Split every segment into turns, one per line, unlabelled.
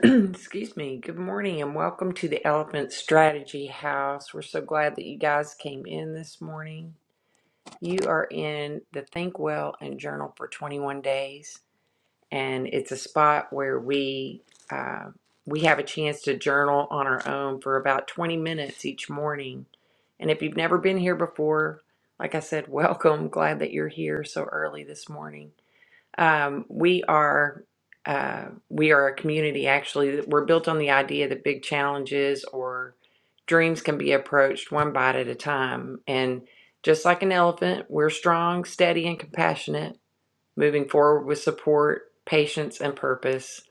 Excuse me. Good morning and welcome to the Elephant Strategy House. We're so glad that you guys came in this morning. You are in the Think Well and Journal for 21 Days, and it's a spot where we uh, we have a chance to journal on our own for about 20 minutes each morning. And if you've never been here before, like I said, welcome. Glad that you're here so early this morning. Um, we are uh, we are a community. Actually, that we're built on the idea that big challenges or dreams can be approached one bite at a time. And just like an elephant, we're strong, steady, and compassionate, moving forward with support, patience, and purpose.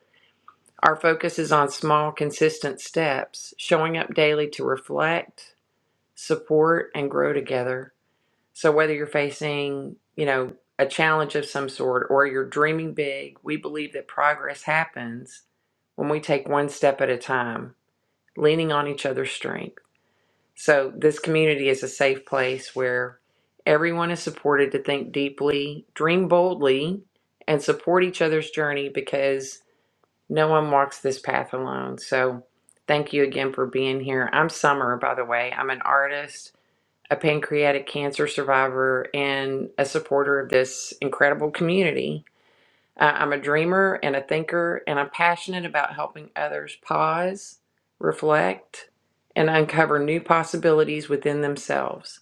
Our focus is on small, consistent steps, showing up daily to reflect, support, and grow together. So whether you're facing, you know, a challenge of some sort or you're dreaming big, we believe that progress happens when we take one step at a time, leaning on each other's strength. So this community is a safe place where everyone is supported to think deeply, dream boldly, and support each other's journey because no one walks this path alone. So thank you again for being here. I'm Summer, by the way. I'm an artist a pancreatic cancer survivor and a supporter of this incredible community. Uh, I'm a dreamer and a thinker, and I'm passionate about helping others pause, reflect, and uncover new possibilities within themselves.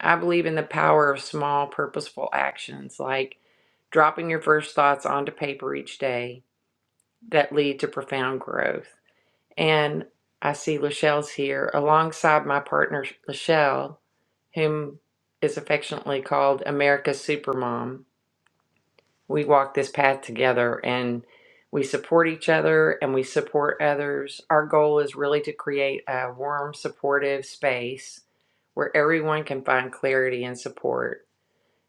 I believe in the power of small, purposeful actions like dropping your first thoughts onto paper each day that lead to profound growth. And I see Lachelle's here alongside my partner, Lachelle, whom is affectionately called America's Supermom. We walk this path together and we support each other and we support others. Our goal is really to create a warm, supportive space where everyone can find clarity and support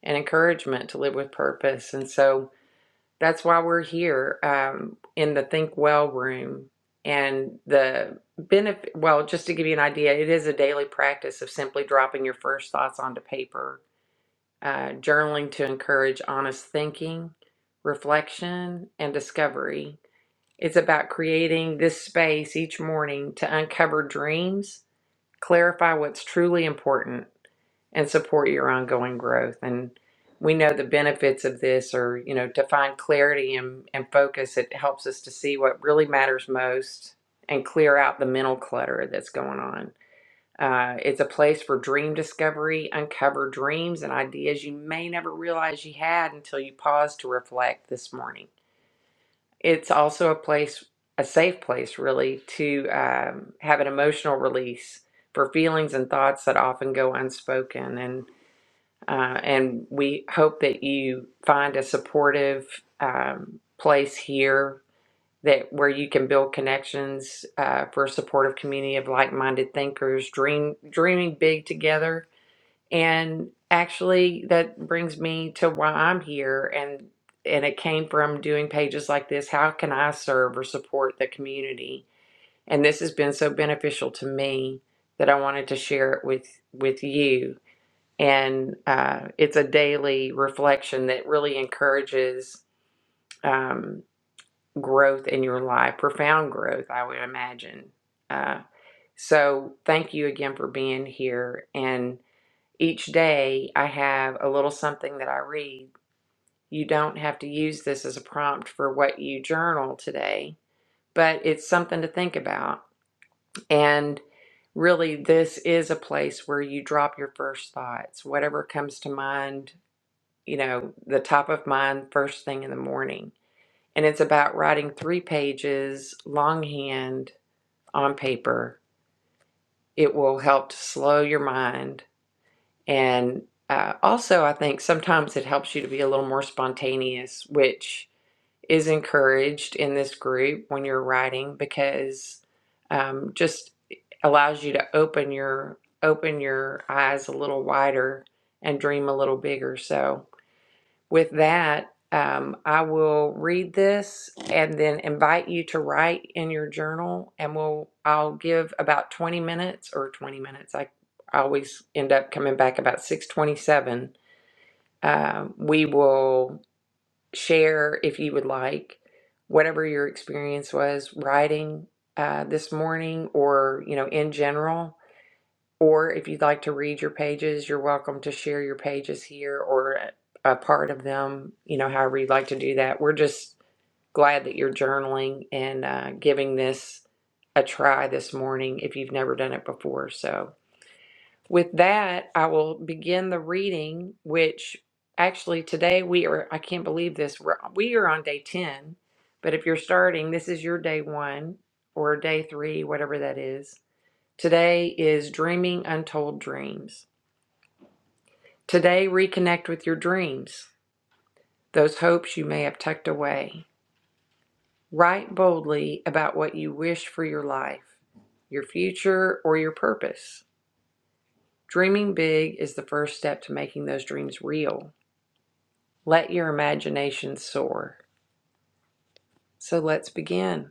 and encouragement to live with purpose. And so that's why we're here um, in the Think Well room. And the benefit, well, just to give you an idea, it is a daily practice of simply dropping your first thoughts onto paper, uh, journaling to encourage honest thinking, reflection, and discovery. It's about creating this space each morning to uncover dreams clarify what's truly important and support your ongoing growth. And we know the benefits of this are, you know, to find clarity and, and focus, it helps us to see what really matters most and clear out the mental clutter that's going on. Uh, it's a place for dream discovery, uncover dreams and ideas you may never realize you had until you pause to reflect this morning. It's also a place, a safe place, really, to um, have an emotional release for feelings and thoughts that often go unspoken. And uh, and we hope that you find a supportive um, place here that where you can build connections uh, for a supportive community of like-minded thinkers, dream dreaming big together and actually, that brings me to why I'm here. And and it came from doing pages like this. How can I serve or support the community? And this has been so beneficial to me that I wanted to share it with with you. And uh, it's a daily reflection that really encourages um, growth in your life, profound growth, I would imagine. Uh, so thank you again for being here. And each day, I have a little something that I read. You don't have to use this as a prompt for what you journal today, but it's something to think about. And really, this is a place where you drop your first thoughts, whatever comes to mind, you know, the top of mind first thing in the morning. And it's about writing three pages longhand on paper. It will help to slow your mind And uh, also, I think sometimes it helps you to be a little more spontaneous, which is encouraged in this group when you're writing because um, just allows you to open your open your eyes a little wider and dream a little bigger. So with that, um, I will read this and then invite you to write in your journal, and we'll I'll give about 20 minutes or 20 minutes. I, I always end up coming back about 6:27. Um, we will share if you would like whatever your experience was writing uh, this morning, or you know in general or if you'd like to read your pages, you're welcome to share your pages here or a part of them, you know, however you'd like to do that. We're just glad that you're journaling and uh, giving this a try this morning if you've never done it before. So, with that, I will begin the reading, which actually today we are, I can't believe this, we're, we are on day 10. But if you're starting, this is your day one or day three, whatever that is. Today is Dreaming Untold Dreams. Today, reconnect with your dreams, those hopes you may have tucked away. Write boldly about what you wish for your life, your future, or your purpose. Dreaming big is the first step to making those dreams real. Let your imagination soar. So let's begin.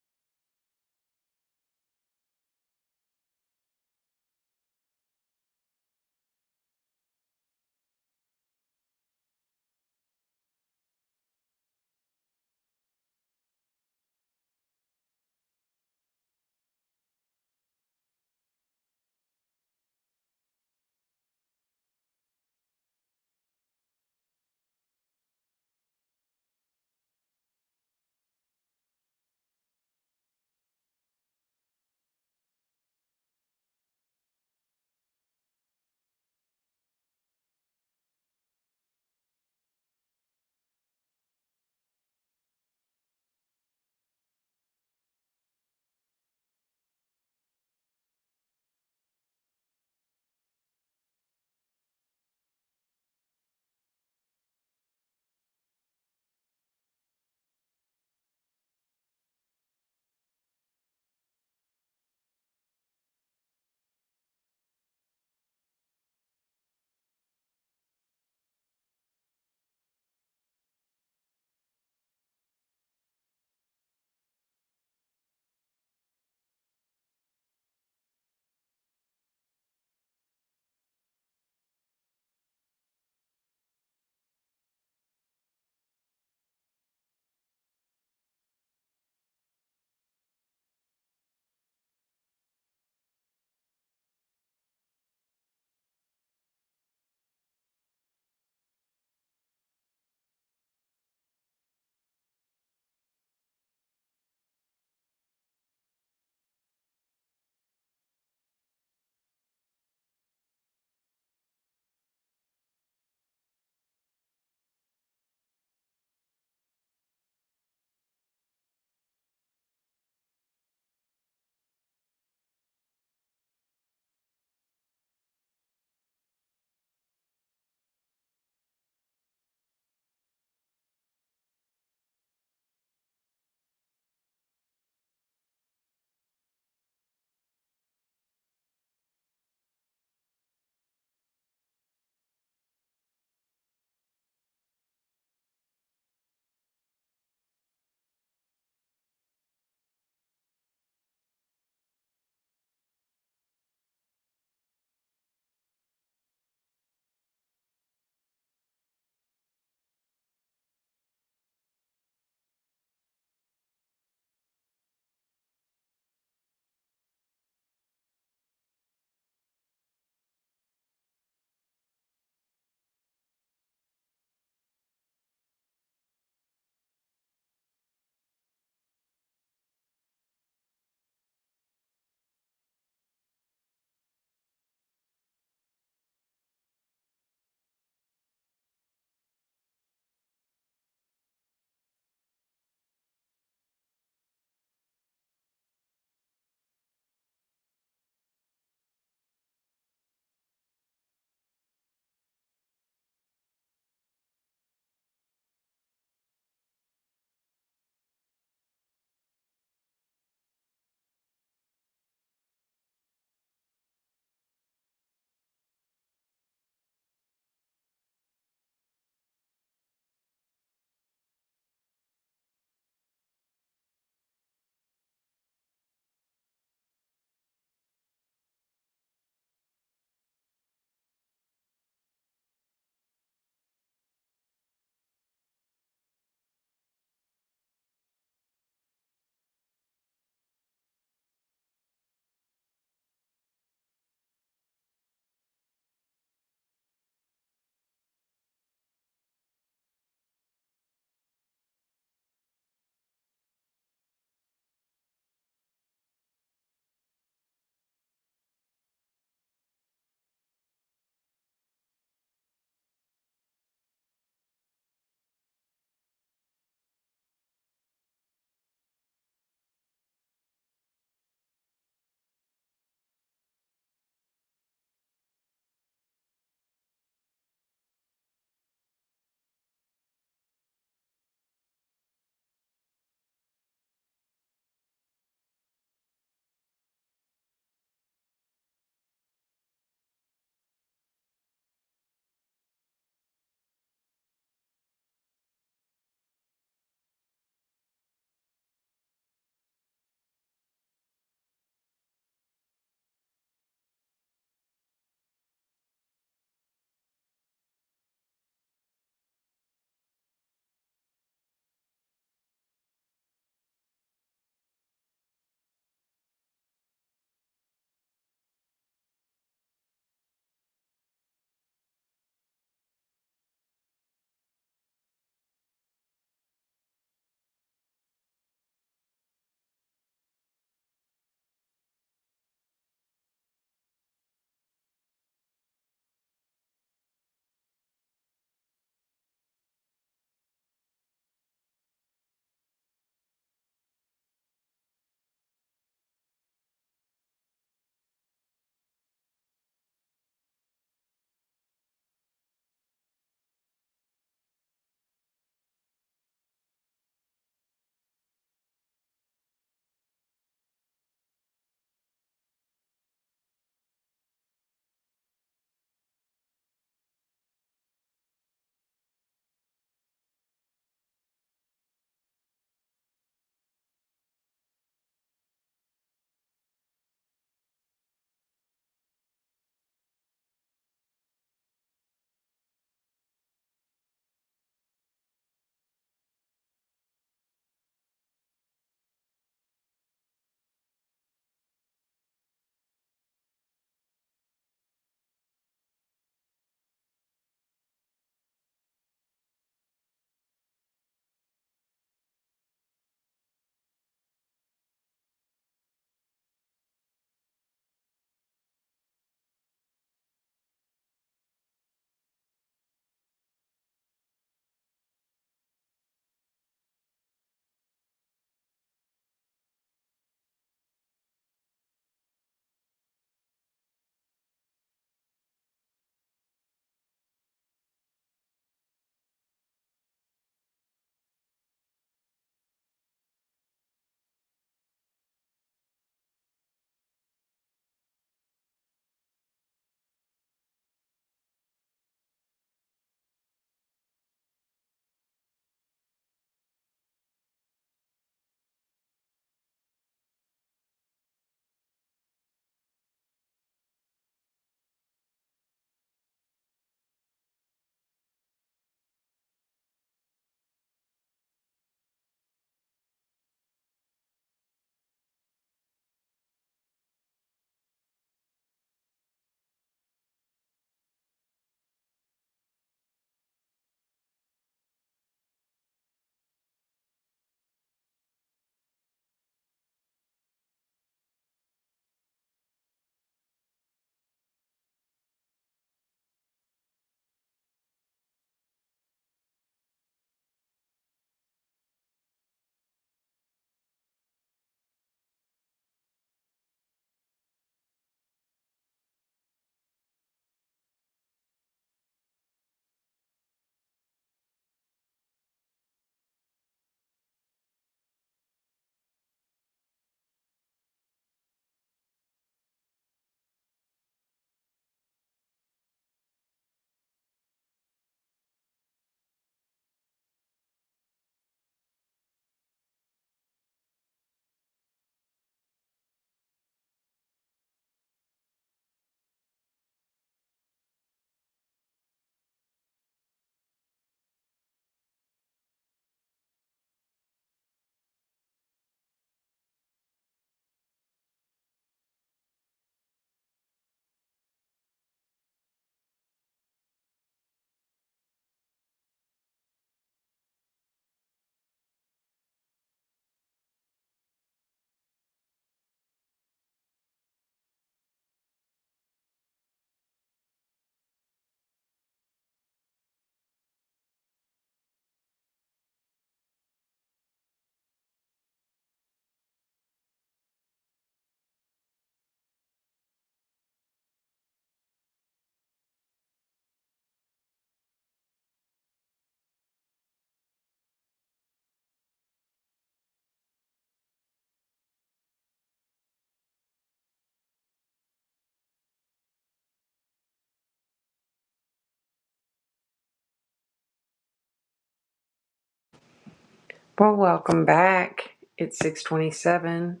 Well, welcome back. It's 627,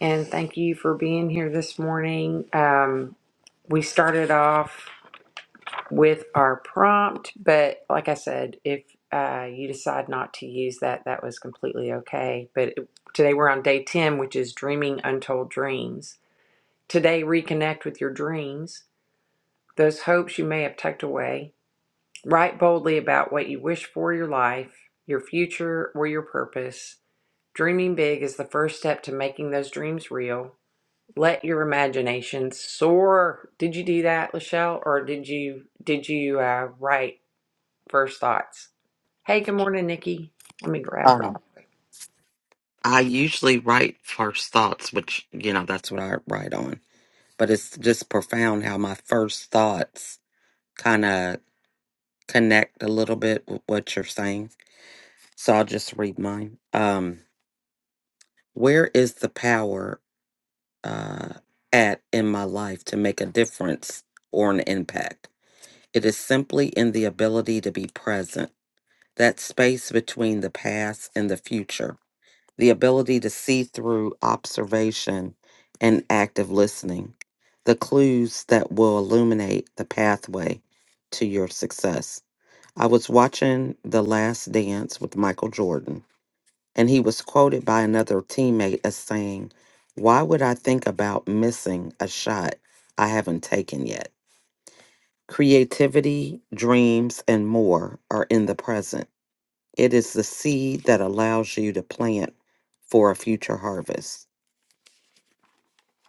and thank you for being here this morning. Um, we started off with our prompt. But like I said, if uh, you decide not to use that, that was completely okay. But it- today we're on day 10, which is dreaming untold dreams. Today, reconnect with your dreams, those hopes you may have tucked away. Write boldly about what you wish for your life, your future, or your purpose. Dreaming big is the first step to making those dreams real. Let your imagination soar. Did you do that, Lachelle, or did you did you uh, write first thoughts. Hey, good morning, Nikki. Let me grab her.
Uh, I usually write first thoughts, which, you know, that's what I write on. But it's just profound how my first thoughts kind of connect a little bit with what you're saying. So I'll just read mine. Um, where is the power uh, at in my life to make a difference or an impact? It is simply in the ability to be present, that space between the past and the future the ability to see through observation and active listening, the clues that will illuminate the pathway to your success. I was watching The Last Dance with Michael Jordan, and he was quoted by another teammate as saying, Why would I think about missing a shot I haven't taken yet? Creativity, dreams, and more are in the present. It is the seed that allows you to plant for a future harvest.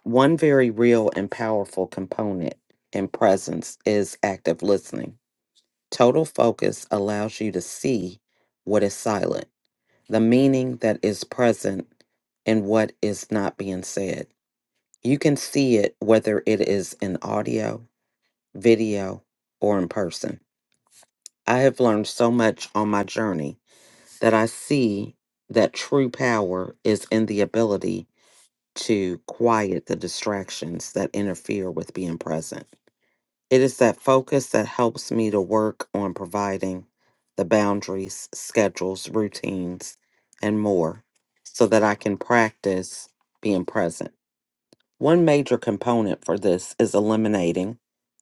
One very real and powerful component in presence is active listening. Total focus allows you to see what is silent, the meaning that is present in what is not being said. You can see it whether it is in audio, video, or in person. I have learned so much on my journey that I see that true power is in the ability to quiet the distractions that interfere with being present. It is that focus that helps me to work on providing the boundaries, schedules, routines, and more so that I can practice being present. One major component for this is eliminating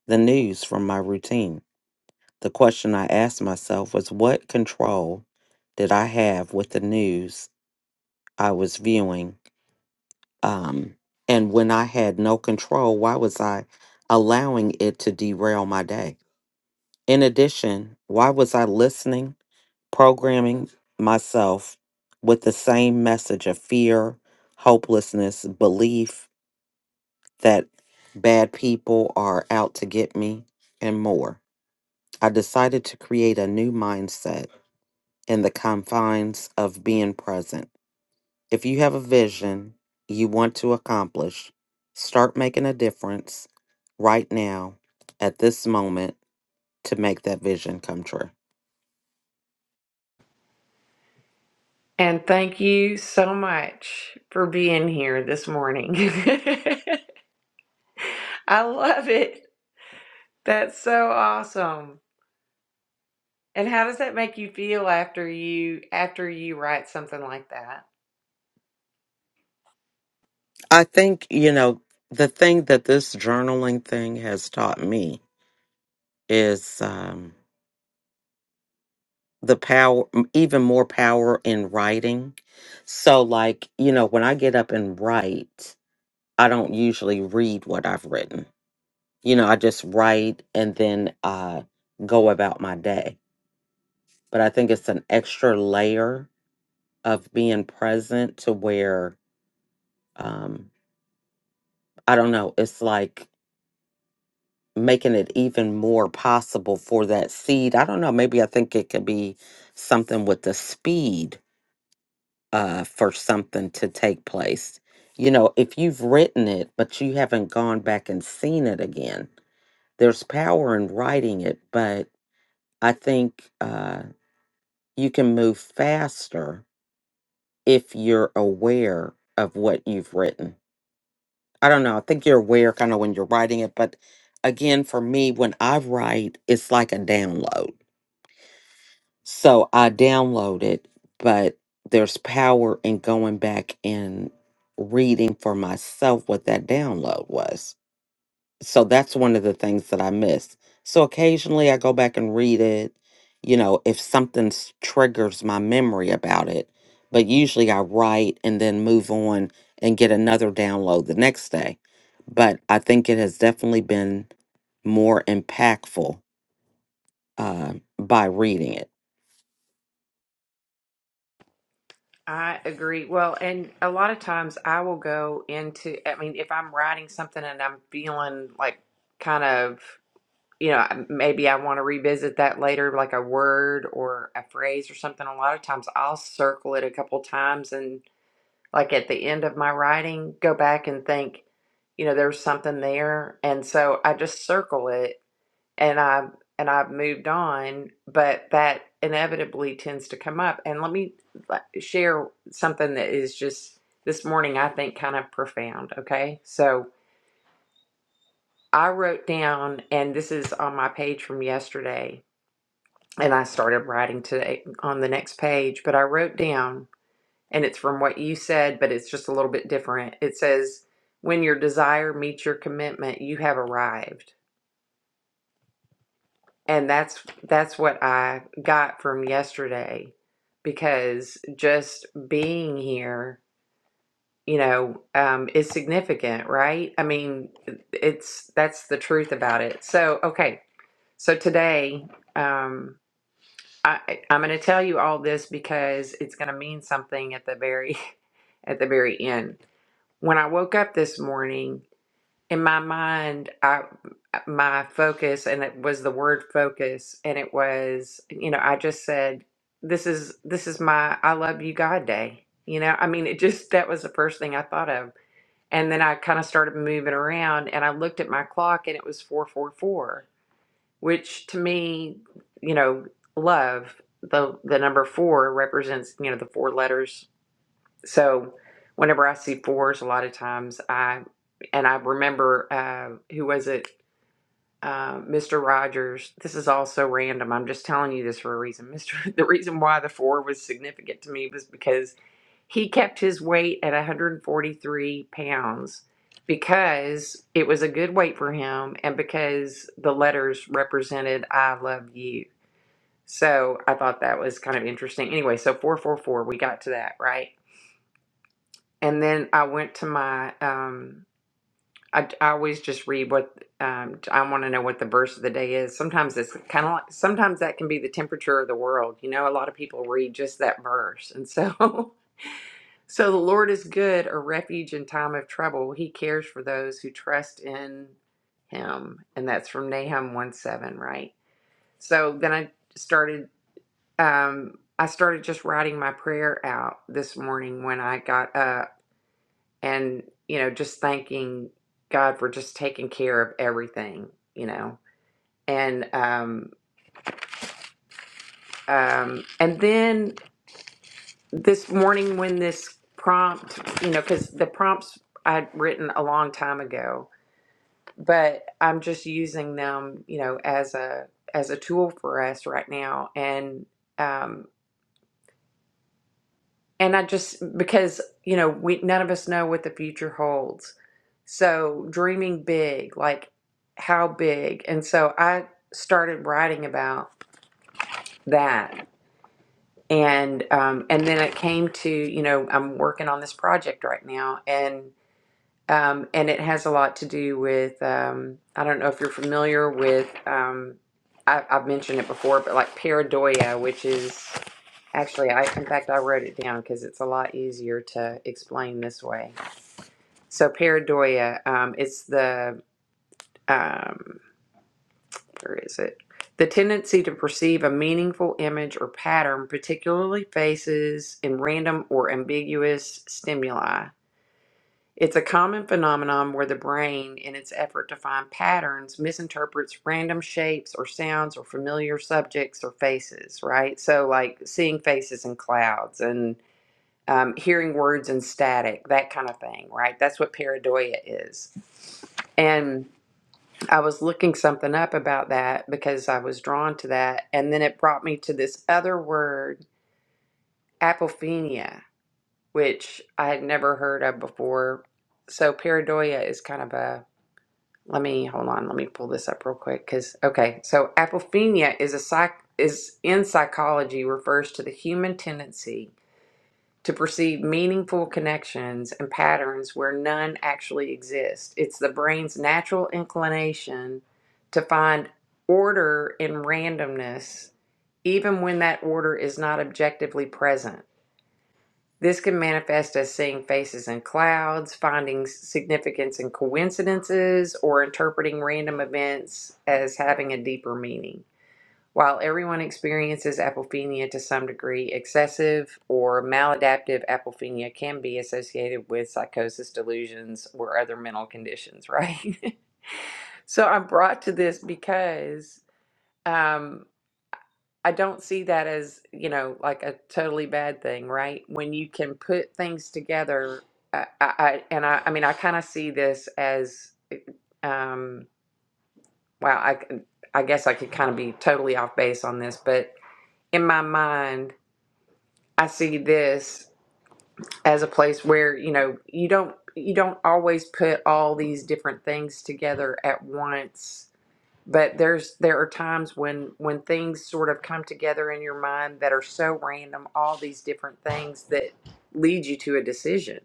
the news from my routine. The question I asked myself was what control did I have with the news I was viewing? Um, and when I had no control, why was I allowing it to derail my day? In addition, why was I listening, programming myself with the same message of fear, hopelessness, belief that bad people are out to get me, and more? I decided to create a new mindset in the confines of being present. If you have a vision you want to accomplish, start making a difference right now at this moment to make that vision come true.
And thank you so much for being here this morning. I love it. That's so awesome. And how does that make you feel after you after you write something like that?
I think, you know, the thing that this journaling thing has taught me is um, the power, m- even more power in writing. So, like, you know, when I get up and write, I don't usually read what I've written. You know, I just write and then uh, go about my day. But I think it's an extra layer of being present to where, um, I don't know, it's like making it even more possible for that seed. I don't know. Maybe I think it could be something with the speed uh, for something to take place. You know, if you've written it, but you haven't gone back and seen it again, there's power in writing it, but I think uh, you can move faster if you're aware of what you've written. I don't know. I think you're aware kind of when you're writing it, but again, for me, when I write, it's like a download So I downloaded, but there's power in going back and reading for myself what that download was. So that's one of the things that I miss. So occasionally I go back and read it, you know, if something s- triggers my memory about it. But usually I write and then move on and get another download the next day. But I think it has definitely been more impactful uh, by reading it.
I agree. Well, and a lot of times I will go into I mean, if I'm writing something and I'm feeling like kind of you know, maybe I want to revisit that later, like a word or a phrase or something. A lot of times I'll circle it a couple times and, like, at the end of my writing, go back and think, you know, there's something there. And so I just circle it and I, and I've moved on, but that inevitably tends to come up. And let me like, share something that is just this morning, I think, kind of profound. Okay. So I wrote down, and this is on my page from yesterday and I started writing today on the next page, but I wrote down, and it's from what you said, but it's just a little bit different. It says, "When your desire meets your commitment, you have arrived," and that's that's what I got from yesterday, because just being here, you know, um, is significant, right? I mean, it's that's the truth about it. So okay, so today. Um, I, I'm going to tell you all this because it's going to mean something at the very at the very end. When I woke up this morning, in my mind, I my focus and it was the word focus and it was, you know, I just said this is this is my I love you God day. You know, I mean, it just that was the first thing I thought of. And then I kind of started moving around and I looked at my clock and it was 444 which to me, you know, love the the number four represents you know the four letters. So whenever I see fours, a lot of times I and I remember uh, who was it, uh, Mister Rogers. This is all so random. I'm just telling you this for a reason, Mister. The reason why the four was significant to me was because he kept his weight at 143 pounds because it was a good weight for him and because the letters represented I love you. So I thought that was kind of interesting. Anyway, so 444, we got to that, right? And then I went to my, um, I, I always just read what, um, I want to know what the verse of the day is. Sometimes it's kind of like, sometimes that can be the temperature of the world. You know, a lot of people read just that verse. And so So the Lord is good, a refuge in time of trouble. He cares for those who trust in him. And that's from Nahum 1 7, right? So then I started um I started just writing my prayer out this morning when I got up and, you know, just thanking God for just taking care of everything, you know. And um um and then this morning when this prompt, you know, because the prompts I'd written a long time ago but I'm just using them, you know, as a as a tool for us right now. And um and I just because, you know, we none of us know what the future holds. So dreaming big, like how big. And so I started writing about that. And um and then it came to, you know, I'm working on this project right now and. Um, and it has a lot to do with, um, I don't know if you're familiar with, um, I, I've mentioned it before, but like pareidoia, which is actually, I, in fact, I wrote it down because it's a lot easier to explain this way. So pareidoia, um, it's the, um, where is it? The tendency to perceive a meaningful image or pattern, particularly faces in random or ambiguous stimuli. It's a common phenomenon where the brain, in its effort to find patterns, misinterprets random shapes or sounds or familiar subjects or faces, right? So, like seeing faces in clouds and um, hearing words in static, that kind of thing, right? That's what pareidoia is. And I was looking something up about that because I was drawn to that. And then it brought me to this other word, apophenia, which I had never heard of before. So, pareidoia is kind of a Let me hold on. Let me pull this up real quick. Because okay, so apophenia is a psych is in psychology refers to the human tendency to perceive meaningful connections and patterns where none actually exist. It's the brain's natural inclination to find order in randomness, even when that order is not objectively present. This can manifest as seeing faces in clouds, finding significance in coincidences, or interpreting random events as having a deeper meaning. While everyone experiences apophenia to some degree, excessive or maladaptive apophenia can be associated with psychosis, delusions, or other mental conditions, right? so I'm brought to this because. Um, I don't see that as, you know, like a totally bad thing, right? When you can put things together, I, I, I- and I, I mean, I kind of see this as, um, well, I, c- I guess I could kind of be totally off base on this, but in my mind, I see this as a place where, you know, you don't, you don't always put all these different things together at once but there's there are times when when things sort of come together in your mind that are so random all these different things that lead you to a decision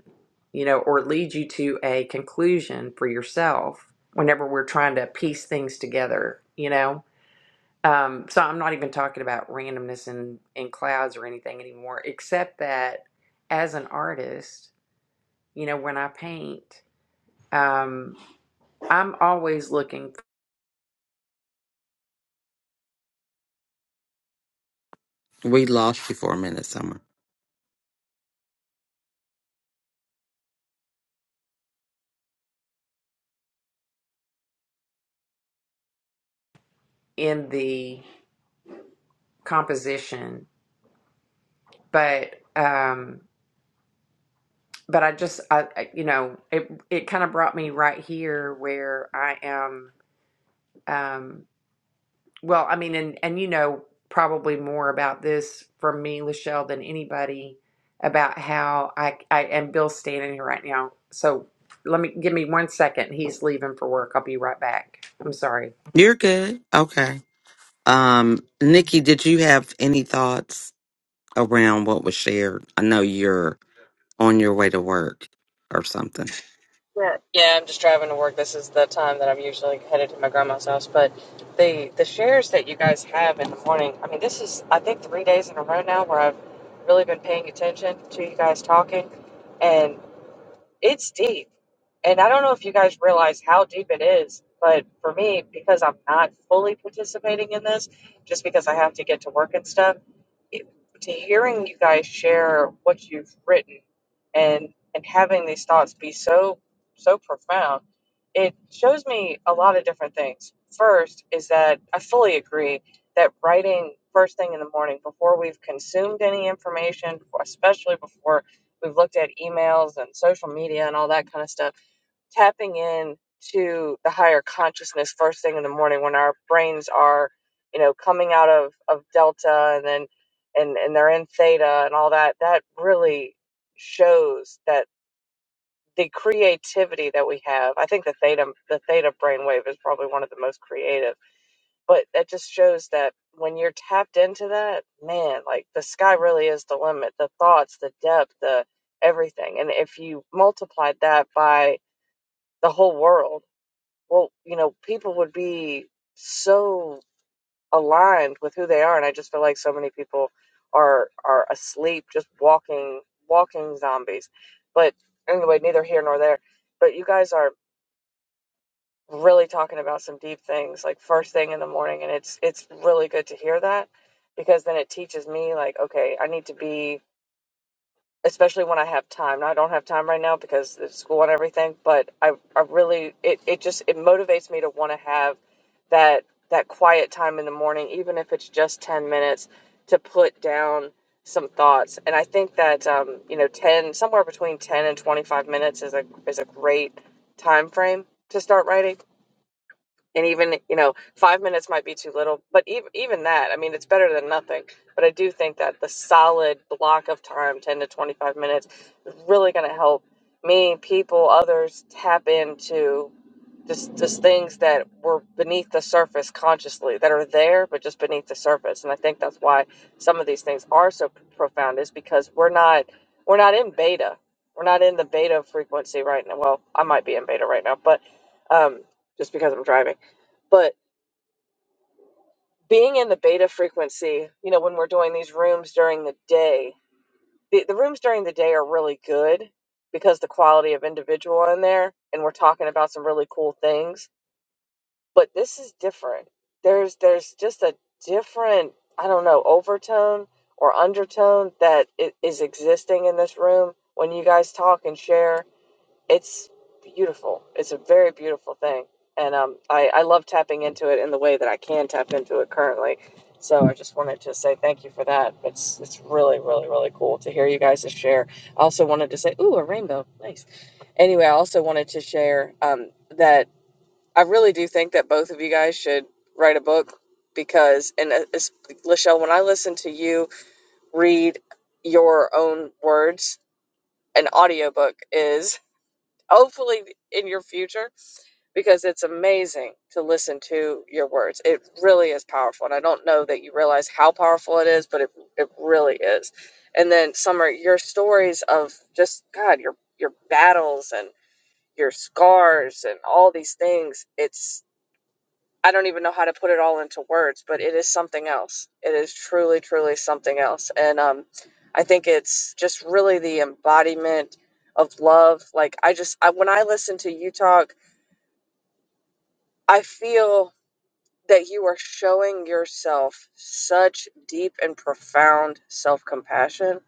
you know or lead you to a conclusion for yourself whenever we're trying to piece things together you know um, so i'm not even talking about randomness in in clouds or anything anymore except that as an artist you know when i paint um, i'm always looking
We lost you for a minute, Summer.
in the composition but um but i just i I- you know it it kind of brought me right here where i am um well i mean and and you know probably more about this from me lachelle than anybody about how i i and bill's standing here right now so let me give me one second he's leaving for work i'll be right back i'm sorry
You're good. Okay. Um, Nikki, did you have any thoughts around what was shared? I know you're on your way to work or something.
Yeah, yeah, I'm just driving to work. This is the time that I'm usually headed to my grandma's house. But the the shares that you guys have in the morning, I mean, this is I think three days in a row now where I've really been paying attention to you guys talking, and it's deep. And I don't know if you guys realize how deep it is, but for me, because I'm not fully participating in this, just because I have to get to work and stuff, it, to hearing you guys share what you've written and and having these thoughts be so so profound, it shows me a lot of different things. First is that I fully agree that writing first thing in the morning before we've consumed any information, especially before We've looked at emails and social media and all that kind of stuff. Tapping in to the higher consciousness first thing in the morning when our brains are, you know, coming out of, of delta and then and, and they're in theta and all that, that really shows that the creativity that we have. I think the theta the theta brainwave is probably one of the most creative but that just shows that when you're tapped into that, man, like the sky really is the limit, the thoughts, the depth, the everything. And if you multiplied that by the whole world, well, you know, people would be so aligned with who they are. And I just feel like so many people are are asleep, just walking walking zombies. But anyway, neither here nor there. But you guys are really talking about some deep things like first thing in the morning and it's it's really good to hear that because then it teaches me like okay I need to be especially when I have time now I don't have time right now because of school and everything but I I really it it just it motivates me to want to have that that quiet time in the morning even if it's just 10 minutes to put down some thoughts and I think that um you know 10 somewhere between 10 and 25 minutes is a is a great time frame to start writing and even you know five minutes might be too little but even, even that i mean it's better than nothing but i do think that the solid block of time 10 to 25 minutes is really going to help me people others tap into just just things that were beneath the surface consciously that are there but just beneath the surface. And I think that's why some of these things are so p- profound is because we're not we're not in beta. We're not in the beta frequency right now. Well, I might be in beta right now, but um, just because I'm driving. But being in the beta frequency, you know, when we're doing these rooms during the day, the, the rooms during the day are really good because the quality of individual in there and we're talking about some really cool things but this is different. There's there's just a different I don't know overtone or undertone that i- existing in this room when you guys talk and share. It's beautiful. It's a very beautiful thing, and um, I I love tapping into it in the way that I can tap into it currently. So I just wanted to say thank you for that. It's it's really really really cool to hear you guys to share. I also wanted to say ooh a rainbow nice. Anyway, I also wanted to share um, that. I really do think that both of you guys should write a book because, and uh, it's, Lachelle, when I listen to you read your own words, an audiobook is hopefully in your future because it's amazing to listen to your words. It really is powerful. And I don't know that you realize how powerful it is, but it, it really is. And then, Summer, your stories of just, God, your, your battles and your scars and all these things, it's. I don't even know how to put it all into words, but it is something else. It is truly, truly something else. And um, I think it's just really the embodiment of love. Like I just, I, when I listen to you talk, I feel that you are showing yourself such deep and profound self compassion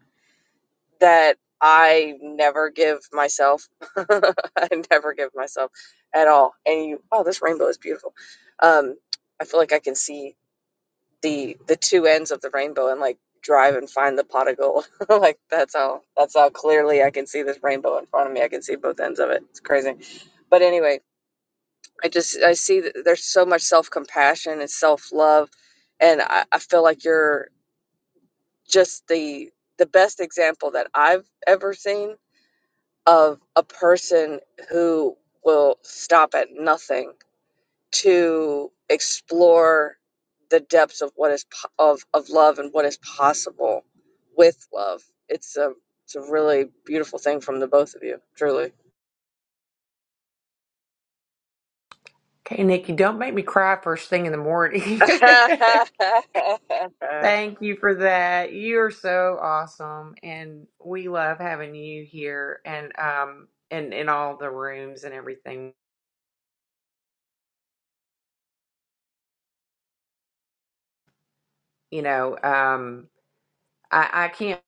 that I never give myself. I never give myself at all. And you, wow, this rainbow is beautiful. Um, I feel like I can see the the two ends of the rainbow and like drive and find the pot of gold. like that's how that's how clearly I can see this rainbow in front of me. I can see both ends of it. It's crazy. But anyway, I just I see that there's so much self compassion and self love, and I, I feel like you're just the the best example that I've ever seen of a person who will stop at nothing to explore the depths of what is po- of of love and what is possible with love. It's a it's a really beautiful thing from the both of you, truly.
okay nikki don't make me cry first thing in the morning Thank you for that. You're so awesome, and we love having you here and um and in all the rooms and everything. You know, um, I I can't.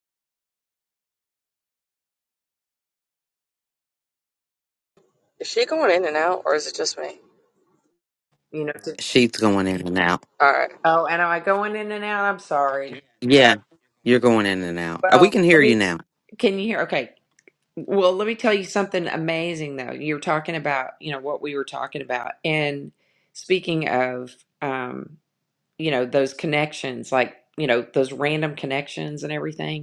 is she going in and out, or is it just me?
You know, to,
She's going in and out.
All right.
oh, and am I going in and out? I'm sorry.
Yeah, you're going in and out. Uh, We
Well,
can
let
hear you
me.
now.
Can you hear? Okay. Well, let me tell you something amazing though. You're talking about you know what we were talking about, and speaking of um, you know those connections, like you know those random connections and everything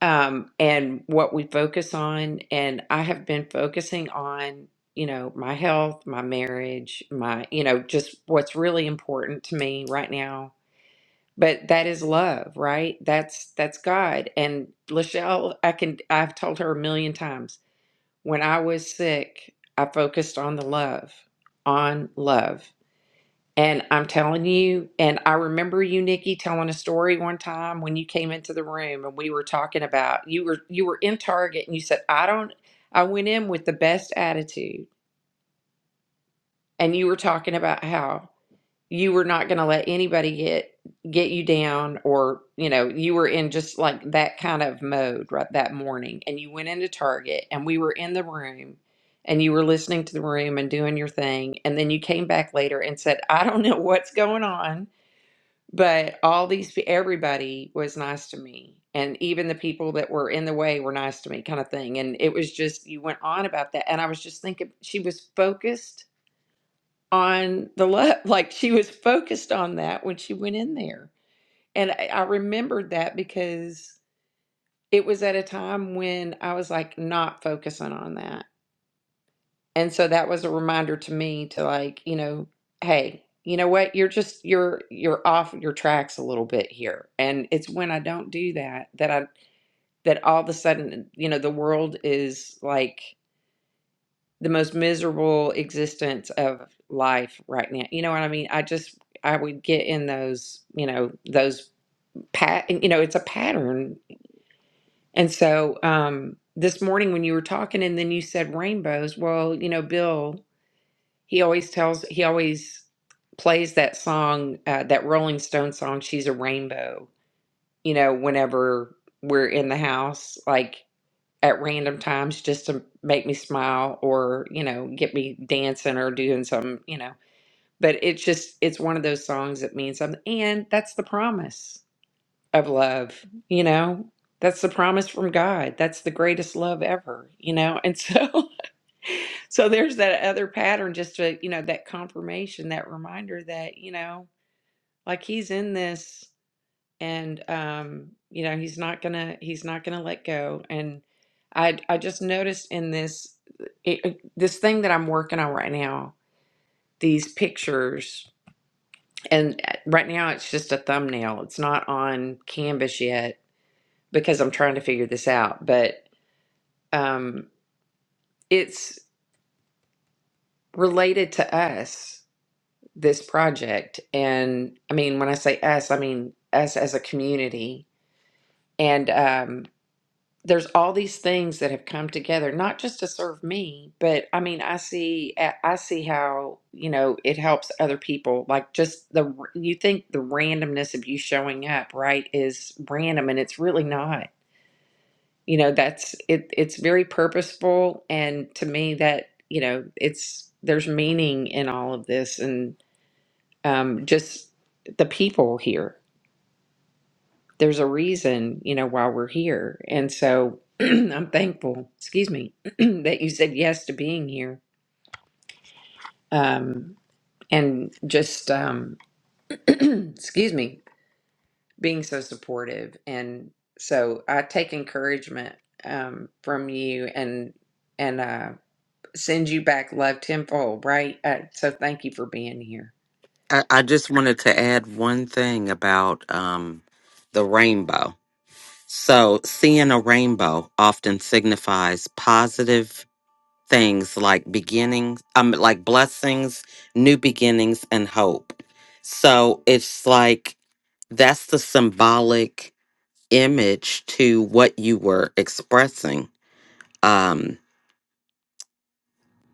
um, and what we focus on. And I have been focusing on, you know, my health, my marriage, my, you know, just what's really important to me right now. But that is love, right? That's that's God. And Lachelle, I can I've told her a million times. When I was sick, I focused on the love, on love. And I'm telling you, and I remember you, Nikki, telling a story one time when you came into the room and we were talking about you were you were in Target and you said, I don't I went in with the best attitude. And you were talking about how you were not gonna let anybody get get you down or you know, you were in just like that kind of mode right that morning. And you went into Target and we were in the room and you were listening to the room and doing your thing. And then you came back later and said, I don't know what's going on but all these, pe- everybody was nice to me. And even the people that were in the way were nice to me, kind of thing. And it was just, you went on about that. And I was just thinking, she was focused on the love. Like she was focused on that when she went in there. And I, I remembered that because it was at a time when I was like not focusing on that. And so that was a reminder to me to like, you know, hey, you know what? You're just you're you're off your tracks a little bit here. And it's when I don't do that that I that all of a sudden, you know, the world is like the most miserable existence of life right now. You know what I mean? I just I would get in those, you know, those pat you know, it's a pattern. And so um this morning when you were talking and then you said rainbows, well, you know, Bill He always tells, he always plays that song, uh, that Rolling Stone song, She's a Rainbow, you know, whenever we're in the house, like at random times just to make me smile or, you know, get me dancing or doing some, you know. But it's just, it's one of those songs that means something. And that's the promise of love, you know? That's the promise from God. That's the greatest love ever, you know? And so. so there's that other pattern just to you know that confirmation that reminder that you know like he's in this and um you know he's not gonna he's not gonna let go and i i just noticed in this it, it- this thing that i'm working on right now these pictures and uh, right now it's just a thumbnail it's not on canvas yet because i'm trying to figure this out but um it's related to us this project. And I mean, when I say us, I mean us as a community. And um, there's all these things that have come together, not just to serve me, but I mean, I see, eh, I see how you know it helps other people. Like just the you think the randomness of you showing up, right, is random, and it's really not. You know, that's it. It's very purposeful, and to me, that you know, it's there's meaning in all of this, and um, just the people here. There's a reason, you know, why we're here. And so I'm thankful, excuse me, that you said yes to being here. Um, and just, um, excuse me, being so supportive. And so I take encouragement um, from you and, and, uh, send you back love tenfold, right? Uh, so thank you for being here.
I, I just wanted to add one thing about um the rainbow. So seeing a rainbow often signifies positive things like beginnings, um, like blessings, new beginnings, and hope. So it's like that's the symbolic image to what you were expressing, um,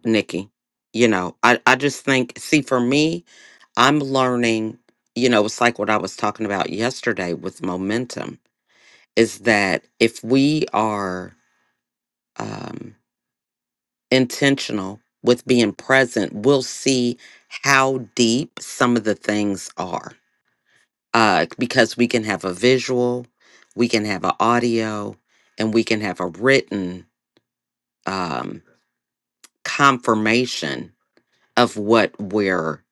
Nikki. You know, I, I just think, see, for me, I'm learning, you know, it's like what I was talking about yesterday with momentum is that if we are, um. intentional with being present, we'll see how deep some of the things are. Uh, because we can have a visual, we can have an audio, and we can have a written um, confirmation of what we're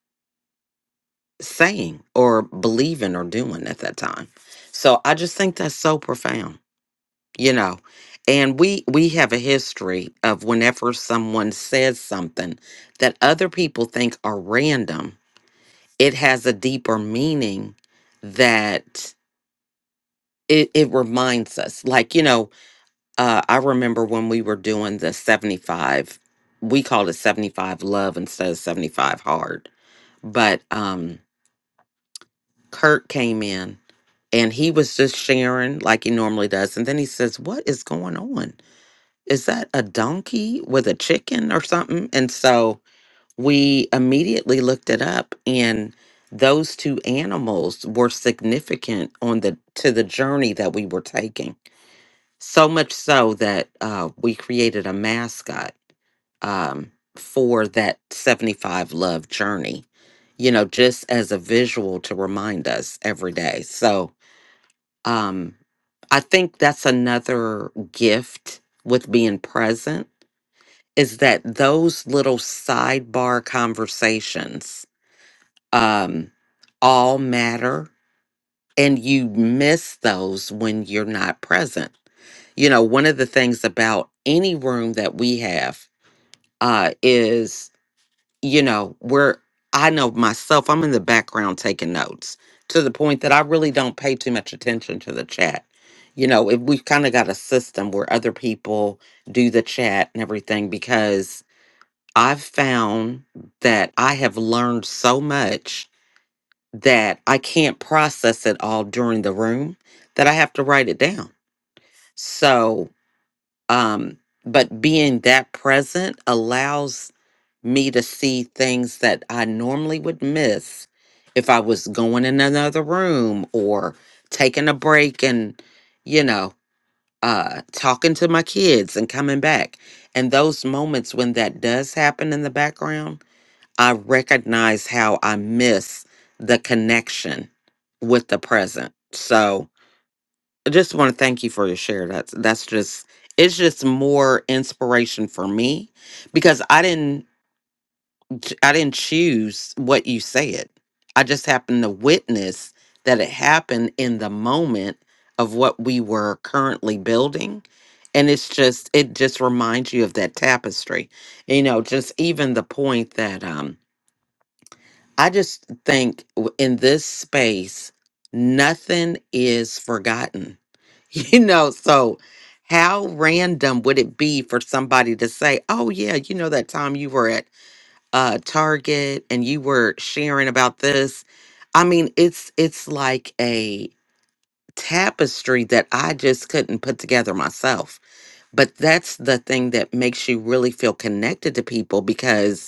saying or believing or doing at that time. So I just think that's so profound, you know. And we we have a history of whenever someone says something that other people think are random it has a deeper meaning that it, it reminds us. Like, you know, uh, I remember when we were doing the 75, we called it 75 love instead of 75 hard. But um, Kurt came in and he was just sharing like he normally does. And then he says, What is going on? Is that a donkey with a chicken or something? And so we immediately looked it up and those two animals were significant on the to the journey that we were taking so much so that uh, we created a mascot um, for that 75 love journey you know just as a visual to remind us every day so um i think that's another gift with being present is that those little sidebar conversations um, all matter. And you miss those when you're not present. You know, one of the things about any room that we have uh, is, you know, we're, I know myself, I'm in the background taking notes to the point that I really don't pay too much attention to the chat. You know, if we've kind of got a system where other people do the chat and everything, because I've found that I have learned so much that I can't process it all during the room, that I have to write it down. So, um, but being that present allows me to see things that I normally would miss if I was going in another room or taking a break and, you know, uh, talking to my kids and coming back. And those moments when that does happen in the background, I recognize how I miss the connection with the present. So I just want to thank you for your share. That's that's just it's just more inspiration for me because I didn't ch- I didn't choose what you said. I just happened to witness that it happened in the moment of what we were currently building. And it's just it just reminds you of that tapestry. You know, just even the point that um I just think w- in this space, nothing is forgotten. You know, so how random would it be for somebody to say, oh, yeah, you know, that time you were at uh, Target and you were sharing about this? I mean, it's it's like a tapestry that I just couldn't put together myself. But that's the thing that makes you really feel connected to people because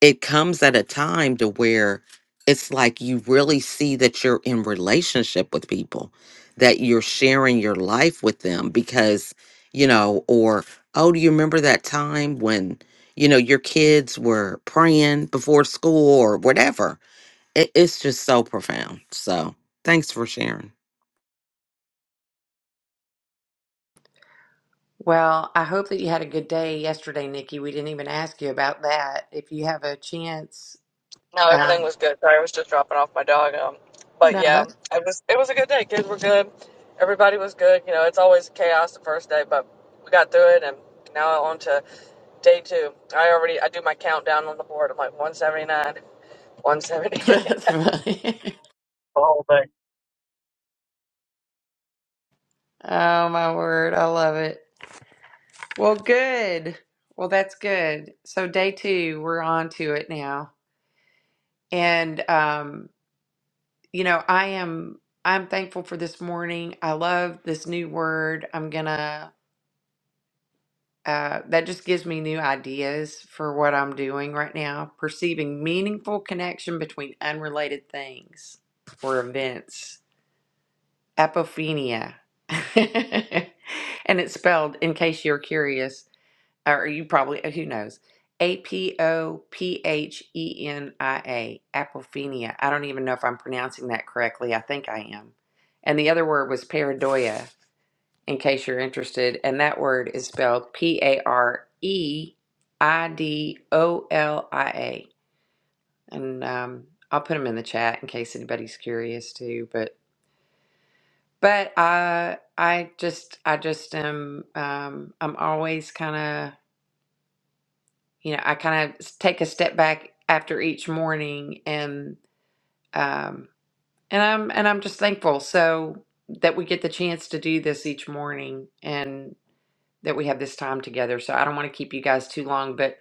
it comes at a time to where it's like you really see that you're in relationship with people that you're sharing your life with them because you know or oh do you remember that time when you know your kids were praying before school or whatever it, it's just so profound so thanks for sharing
Well, I hope that you had a good day yesterday, Nikki. We didn't even ask you about that. If you have a chance,
No, everything
um,
was good. Sorry, I was just dropping off my dog. Um, but
no,
yeah,
that's,
it was it was a good day. Kids were good. Everybody was good. You know, it's always chaos the first day, but we got through it, and now on to Day two. I already I do my countdown on the board. I'm like 179, 178.
that's fine. Oh, my word. I love it. Well, good. Well, that's good. So, day two, we're on to it now. And, um, you know, I am. I'm thankful for this morning. I love this new word. I'm gonna Uh, that just gives me new ideas for what I'm doing right now. Perceiving meaningful connection between unrelated things or events. Apophenia. and it's spelled, in case you're curious, or you probably, who knows? A P O P H E N I A. Apophenia. I don't even know if I'm pronouncing that correctly. I think I am. And the other word was pareidoia in case you're interested. And that word is spelled P A R E I D O L I A. And um, I'll put them in the chat in case anybody's curious too. But but I I just I just am um, I'm always kind of you know I kind of take a step back after each morning and um, and I'm and I'm just thankful so that we get the chance to do this each morning and. that we have this time together. So I don't want to keep you guys too long, but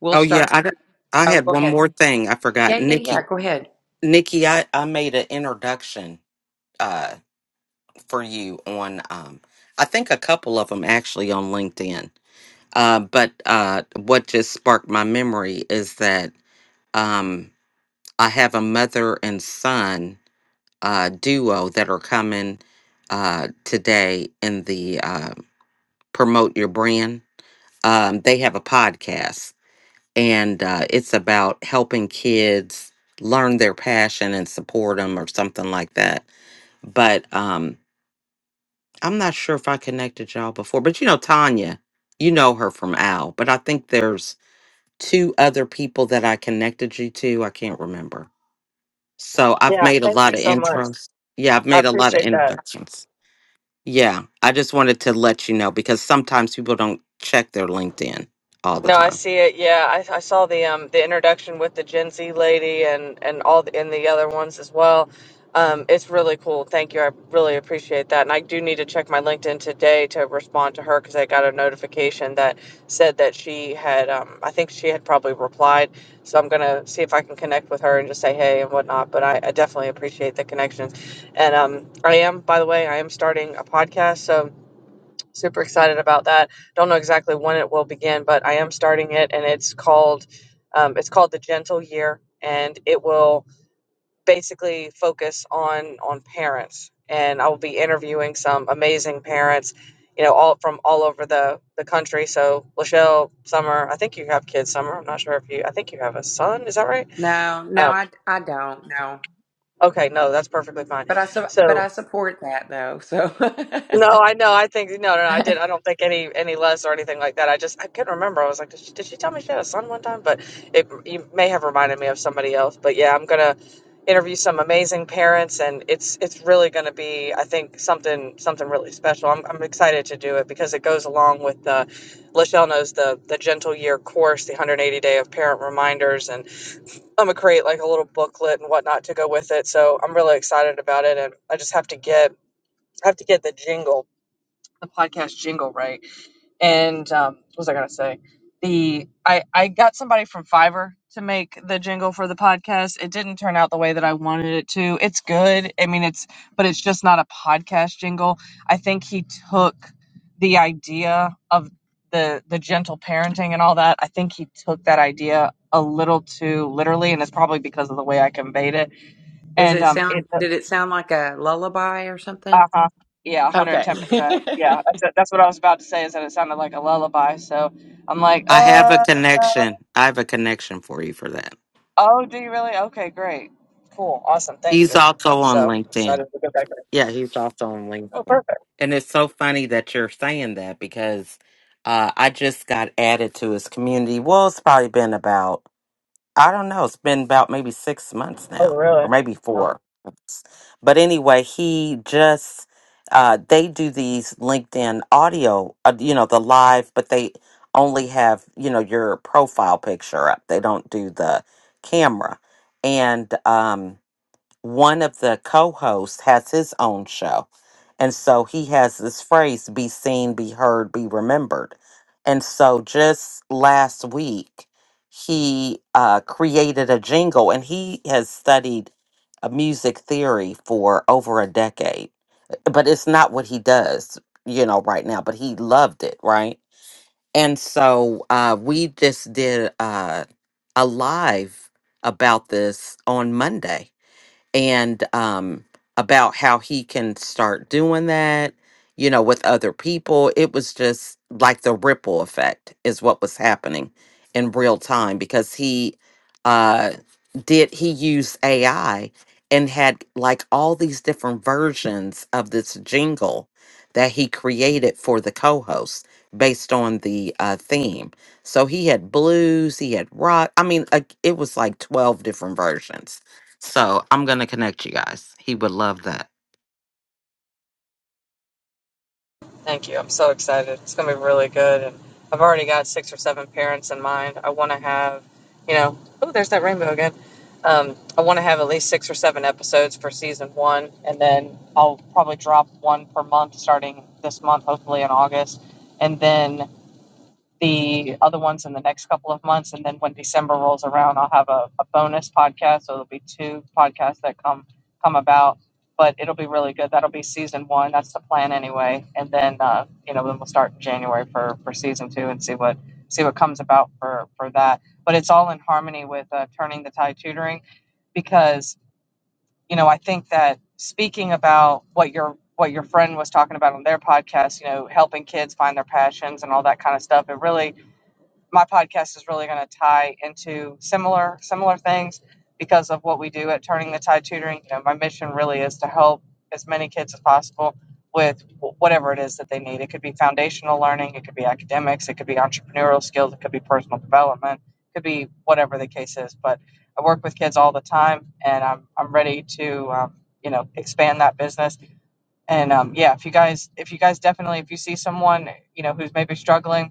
we'll
oh yeah
start.
i d- i
Oh,
had
go
one
ahead.
more thing i forgot
Yeah, yeah, yeah.
nikki
Go ahead.
nikki i i made an introduction Uh. for you on um I think a couple of them actually on LinkedIn. Uh but uh what just sparked my memory is that um I have a mother and son uh duo that are coming uh today in the uh promote your brand. Um they have a podcast and uh it's about helping kids learn their passion and support them or something like that. But um I'm not sure if I connected y'all before, but you know Tanya, you know her from Al, but I think there's two other people that I connected you to. I can't remember. So I've
yeah,
made a
thank you
lot of
so much.
intros. Yeah, I've
I
made a lot of
appreciate that.
introductions. Yeah, I just wanted to let you know because sometimes people don't check their LinkedIn all the
No, I
time.
see it. Yeah, I, I saw the um the introduction with the Gen Z lady and and all the, and the other ones as well. Um, it's really cool. Thank you. I really appreciate that. And I do need to check my LinkedIn today to respond to her because I got a notification that said that she had um I think she had probably replied. So I'm gonna see if I can connect with her and just say hey and whatnot. But I, I definitely appreciate the connections. And um I am by the way I am starting a podcast. So Super excited about that. Don't know exactly when it will begin, but I am starting it, and it's called um, it's called the Gentle Year, and it will basically focus on on parents. And I will be interviewing some amazing parents, you know, all from all over the the country. So Lachelle, Summer, I think you have kids. Summer, I'm not sure if you. I think you have a son. Is that right?
No, no,
Um,
I, I don't. No,
okay, no, that's perfectly fine.
but I, su- but
So
I support that though. So
No, I know. I think no, no, no, I did. I don't think any any less or anything like that. I just I couldn't remember. I was like, did she, did she tell me she had a son one time? But it you may have reminded me of somebody else. But yeah, I'm gonna interview some amazing parents, and it's it's really gonna be I think something something really special. I'm I'm excited to do it because it goes along with the Lachelle knows the the Gentle Year course, the 180 day of parent reminders, and I'm gonna create like a little booklet and whatnot to go with it. So I'm really excited about it, and I just have to get I have to get the jingle the podcast jingle right and um what was i gonna say the i i got somebody from fiverr to make the jingle for the podcast it didn't turn out the way that i wanted it to it's good i mean it's but it's just not a podcast jingle i think he took the idea of the the gentle parenting and all that i think he took that idea a little too literally and it's probably because of the way i conveyed it
does
and
it
um
sound?
it
Did it sound like a lullaby or
uh
something?
huh. Yeah, 110%.
Okay.
Yeah, that's that's what I was about to say is that it sounded like a lullaby. So I'm like,
I have a
uh, no.
connection. I have a connection for you for that.
Oh, do you really? Okay, great. Cool. Awesome. Thank
He's
you.
also on
So
LinkedIn.
excited to go back there.
Yeah, he's also on
Oh,
LinkedIn.
perfect.
And it's so funny that you're saying that because uh, I just got added to his community. Well, it's probably been about, I don't know, it's been about maybe six months
Oh,
now,
really?
or maybe four months. But anyway, he just, uh, they do these LinkedIn audio, uh, you know, the live, but they only have, you know, your profile picture up. They don't do the camera. And, um, one of the co-hosts has his own show and so he has this phrase be seen be heard be remembered and so just last week he uh, created a jingle and he has studied uh, music theory for over a decade but it's not what he does you know right now but he loved it right and so uh, we just did uh, a live about this on monday and um about how he can start doing that you know with other people it was just like the ripple effect is what was happening in real time because he uh did he use ai and had like all these different versions of this jingle that he created for the co-host based on the uh theme so he had blues he had rock i mean like, it was like 12 different versions so I'm gonna connect you guys. He would love that.
Thank you. I'm so excited. It's going to be really good. And I've already got six or seven parents in mind. I want to have, you know, oh, there's that rainbow again. Um, I want to have at least six or seven episodes for season one. And then I'll probably drop one per month starting this month, hopefully in August. And then the other ones in the next couple of months. And then when December rolls around, I'll have a, a bonus podcast. So it'll be two podcasts that come come about. But it'll be really good. That'll be season one. That's the plan anyway. And then uh, you know, then we'll start in January for for season two and see what see what comes about for for that. But it's all in harmony with uh, turning the tide tutoring because you know I think that speaking about what your what your friend was talking about on their podcast, you know, helping kids find their passions and all that kind of stuff, it really my podcast is really going to tie into similar similar things because of what we do at Turning the Tide Tutoring. You know, my mission really is to help as many kids as possible with whatever it is that they need. It could be foundational learning, it could be academics, it could be entrepreneurial skills, it could be personal development, it could be whatever the case is. But I work with kids all the time, and I'm I'm ready to um, you know expand that business. And um, yeah, if you guys if you guys definitely if you see someone you know who's maybe struggling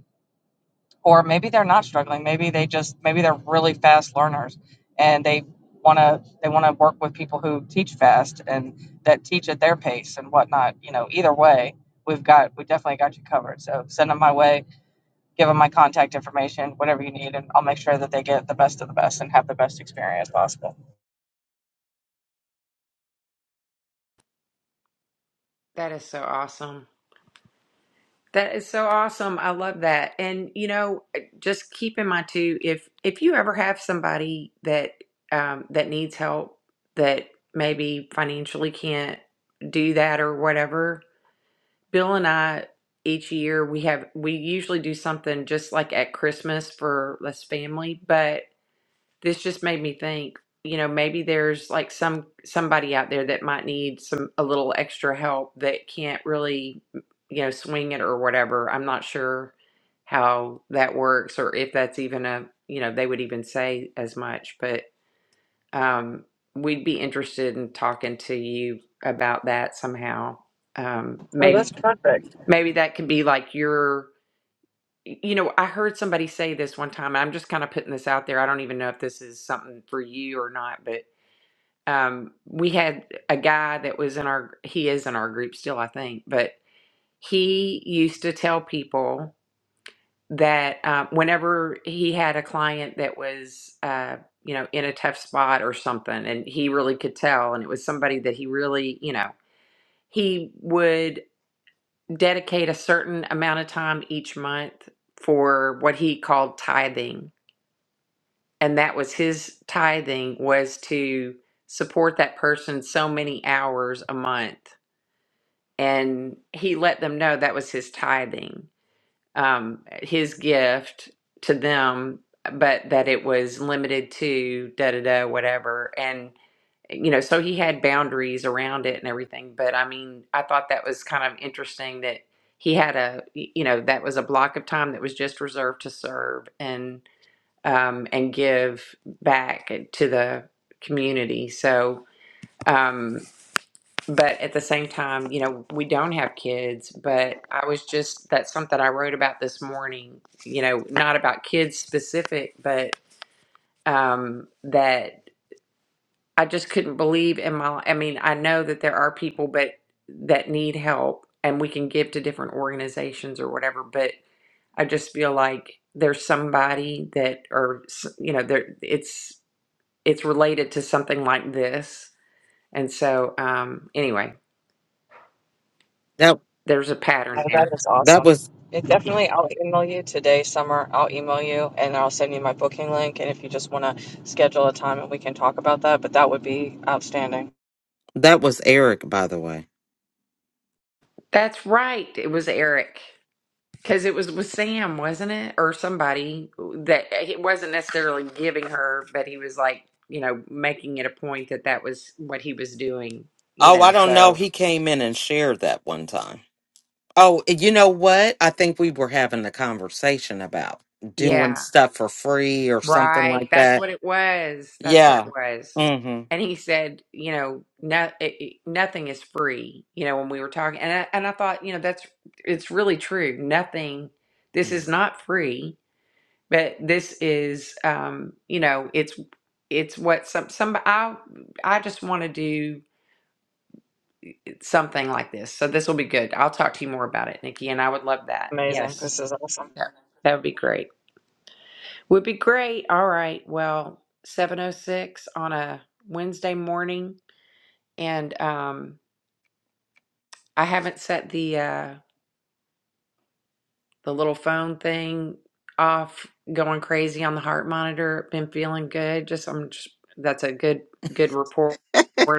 or maybe they're not struggling maybe they just maybe they're really fast learners and they want to they want to work with people who teach fast and that teach at their pace and whatnot you know either way we've got we definitely got you covered so send them my way give them my contact information whatever you need and i'll make sure that they get the best of the best and have the best experience possible
that is so awesome. That is so awesome. I love that. And you know, just keep in mind too, if if you ever have somebody that um, that needs help that maybe financially can't do that or whatever, Bill and I each year we have we usually do something just like at Christmas for this family, but this just made me think you know maybe there's like some somebody out there that might need some a little extra help that can't really you know swing it or whatever i'm not sure how that works or if that's even a you know they would even say as much but um we'd be interested in talking to you about that somehow um
Oh, that's
maybe
perfect.
maybe that could be like your y- you know, I heard somebody say this one time. I'm just kind of putting this out there. I don't even know if this is something for you or not, but um, we had a guy that was in our, he is in our group still, I think, but he used to tell people that um, whenever he had a client that was, uh, you know, in a tough spot or something, and he really could tell, and it was somebody that he really, you know, he would dedicate a certain amount of time each month for what he called tithing and that was his tithing was to support that person so many hours a month and he let them know that was his tithing um, his gift to them but that it was limited to da da da whatever and you know so he had boundaries around it and everything but i mean i thought that was kind of interesting that he had a you know that was a block of time that was just reserved to serve and um, and give back to the community. So, um, but at the same time, you know, we don't have kids, but I was just, that's something I wrote about this morning, you know, not about kids specific, but um, that I just couldn't believe in my, I mean, I know that there are people, but that need help and we can give to different organizations or whatever, but I just feel like there's somebody that, or, you know, there, it's, it's related to something like this. And so, um, anyway,
That
there's a
Oh,
pattern
that
there.
is
that
awesome.
was
It definitely, I'll email you today, Summer. I'll email you and I'll send you my booking link. And if you just want to schedule a time and we can talk about that, but that would be outstanding.
that was Eric, by the way.
That's right. It was Eric because it was with Sam, wasn't it? Or somebody that it wasn't necessarily giving her, but he was like, you know, making it a point that that was what he was doing, you
Oh,
know.
I don't know.
So,
He came in and shared that one time. Oh, and you know what? I think we were having a conversation about
yeah.
doing stuff for free or something
Right.
like
That's
that.
what it was. That's what it
Yeah.
was.
Mm-hmm.
And he said, you know, no, it, it- nothing is free, you know, when we were talking. And I, and I thought, you know, that's, it's really true. Nothing, this is
hmm
not free, but this is, um, you know, it's, it's what some, some, I, I just want to do something like this. So this will be good. I'll talk to you more about it, Nikki. And I would love that.
Amazing.
Yes.
This is awesome.
Yeah. That would be great. Would be great. All right. Well, 706 on a Wednesday morning and um I haven't set the uh the little phone thing off going crazy on the heart monitor. Been feeling good. Just I'm just that's a good good report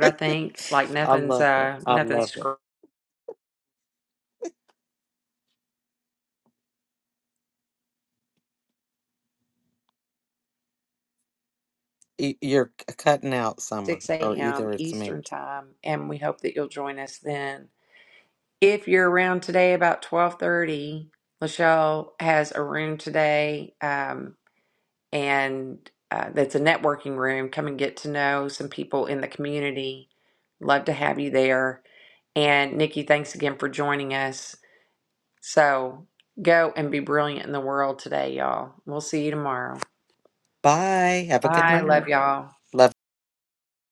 I think. Like
I
nothing's
love it.
uh
I
nothing's
love it.
scr-
Y- You're c- cutting out, Summer,
6
or
a.m.
either it's me.
Eastern time and we hope that you'll join us then. If you're around today about 1230 Lachelle has a room today. Um, and uh, that's a networking room. Come and get to know some people in the community. Love to have you there. And Nikki, thanks again for joining us. So go and be brilliant in the world today, y'all. We'll see you tomorrow.
Bye. Have a good
Bye. Love
night.
y'all.
Love.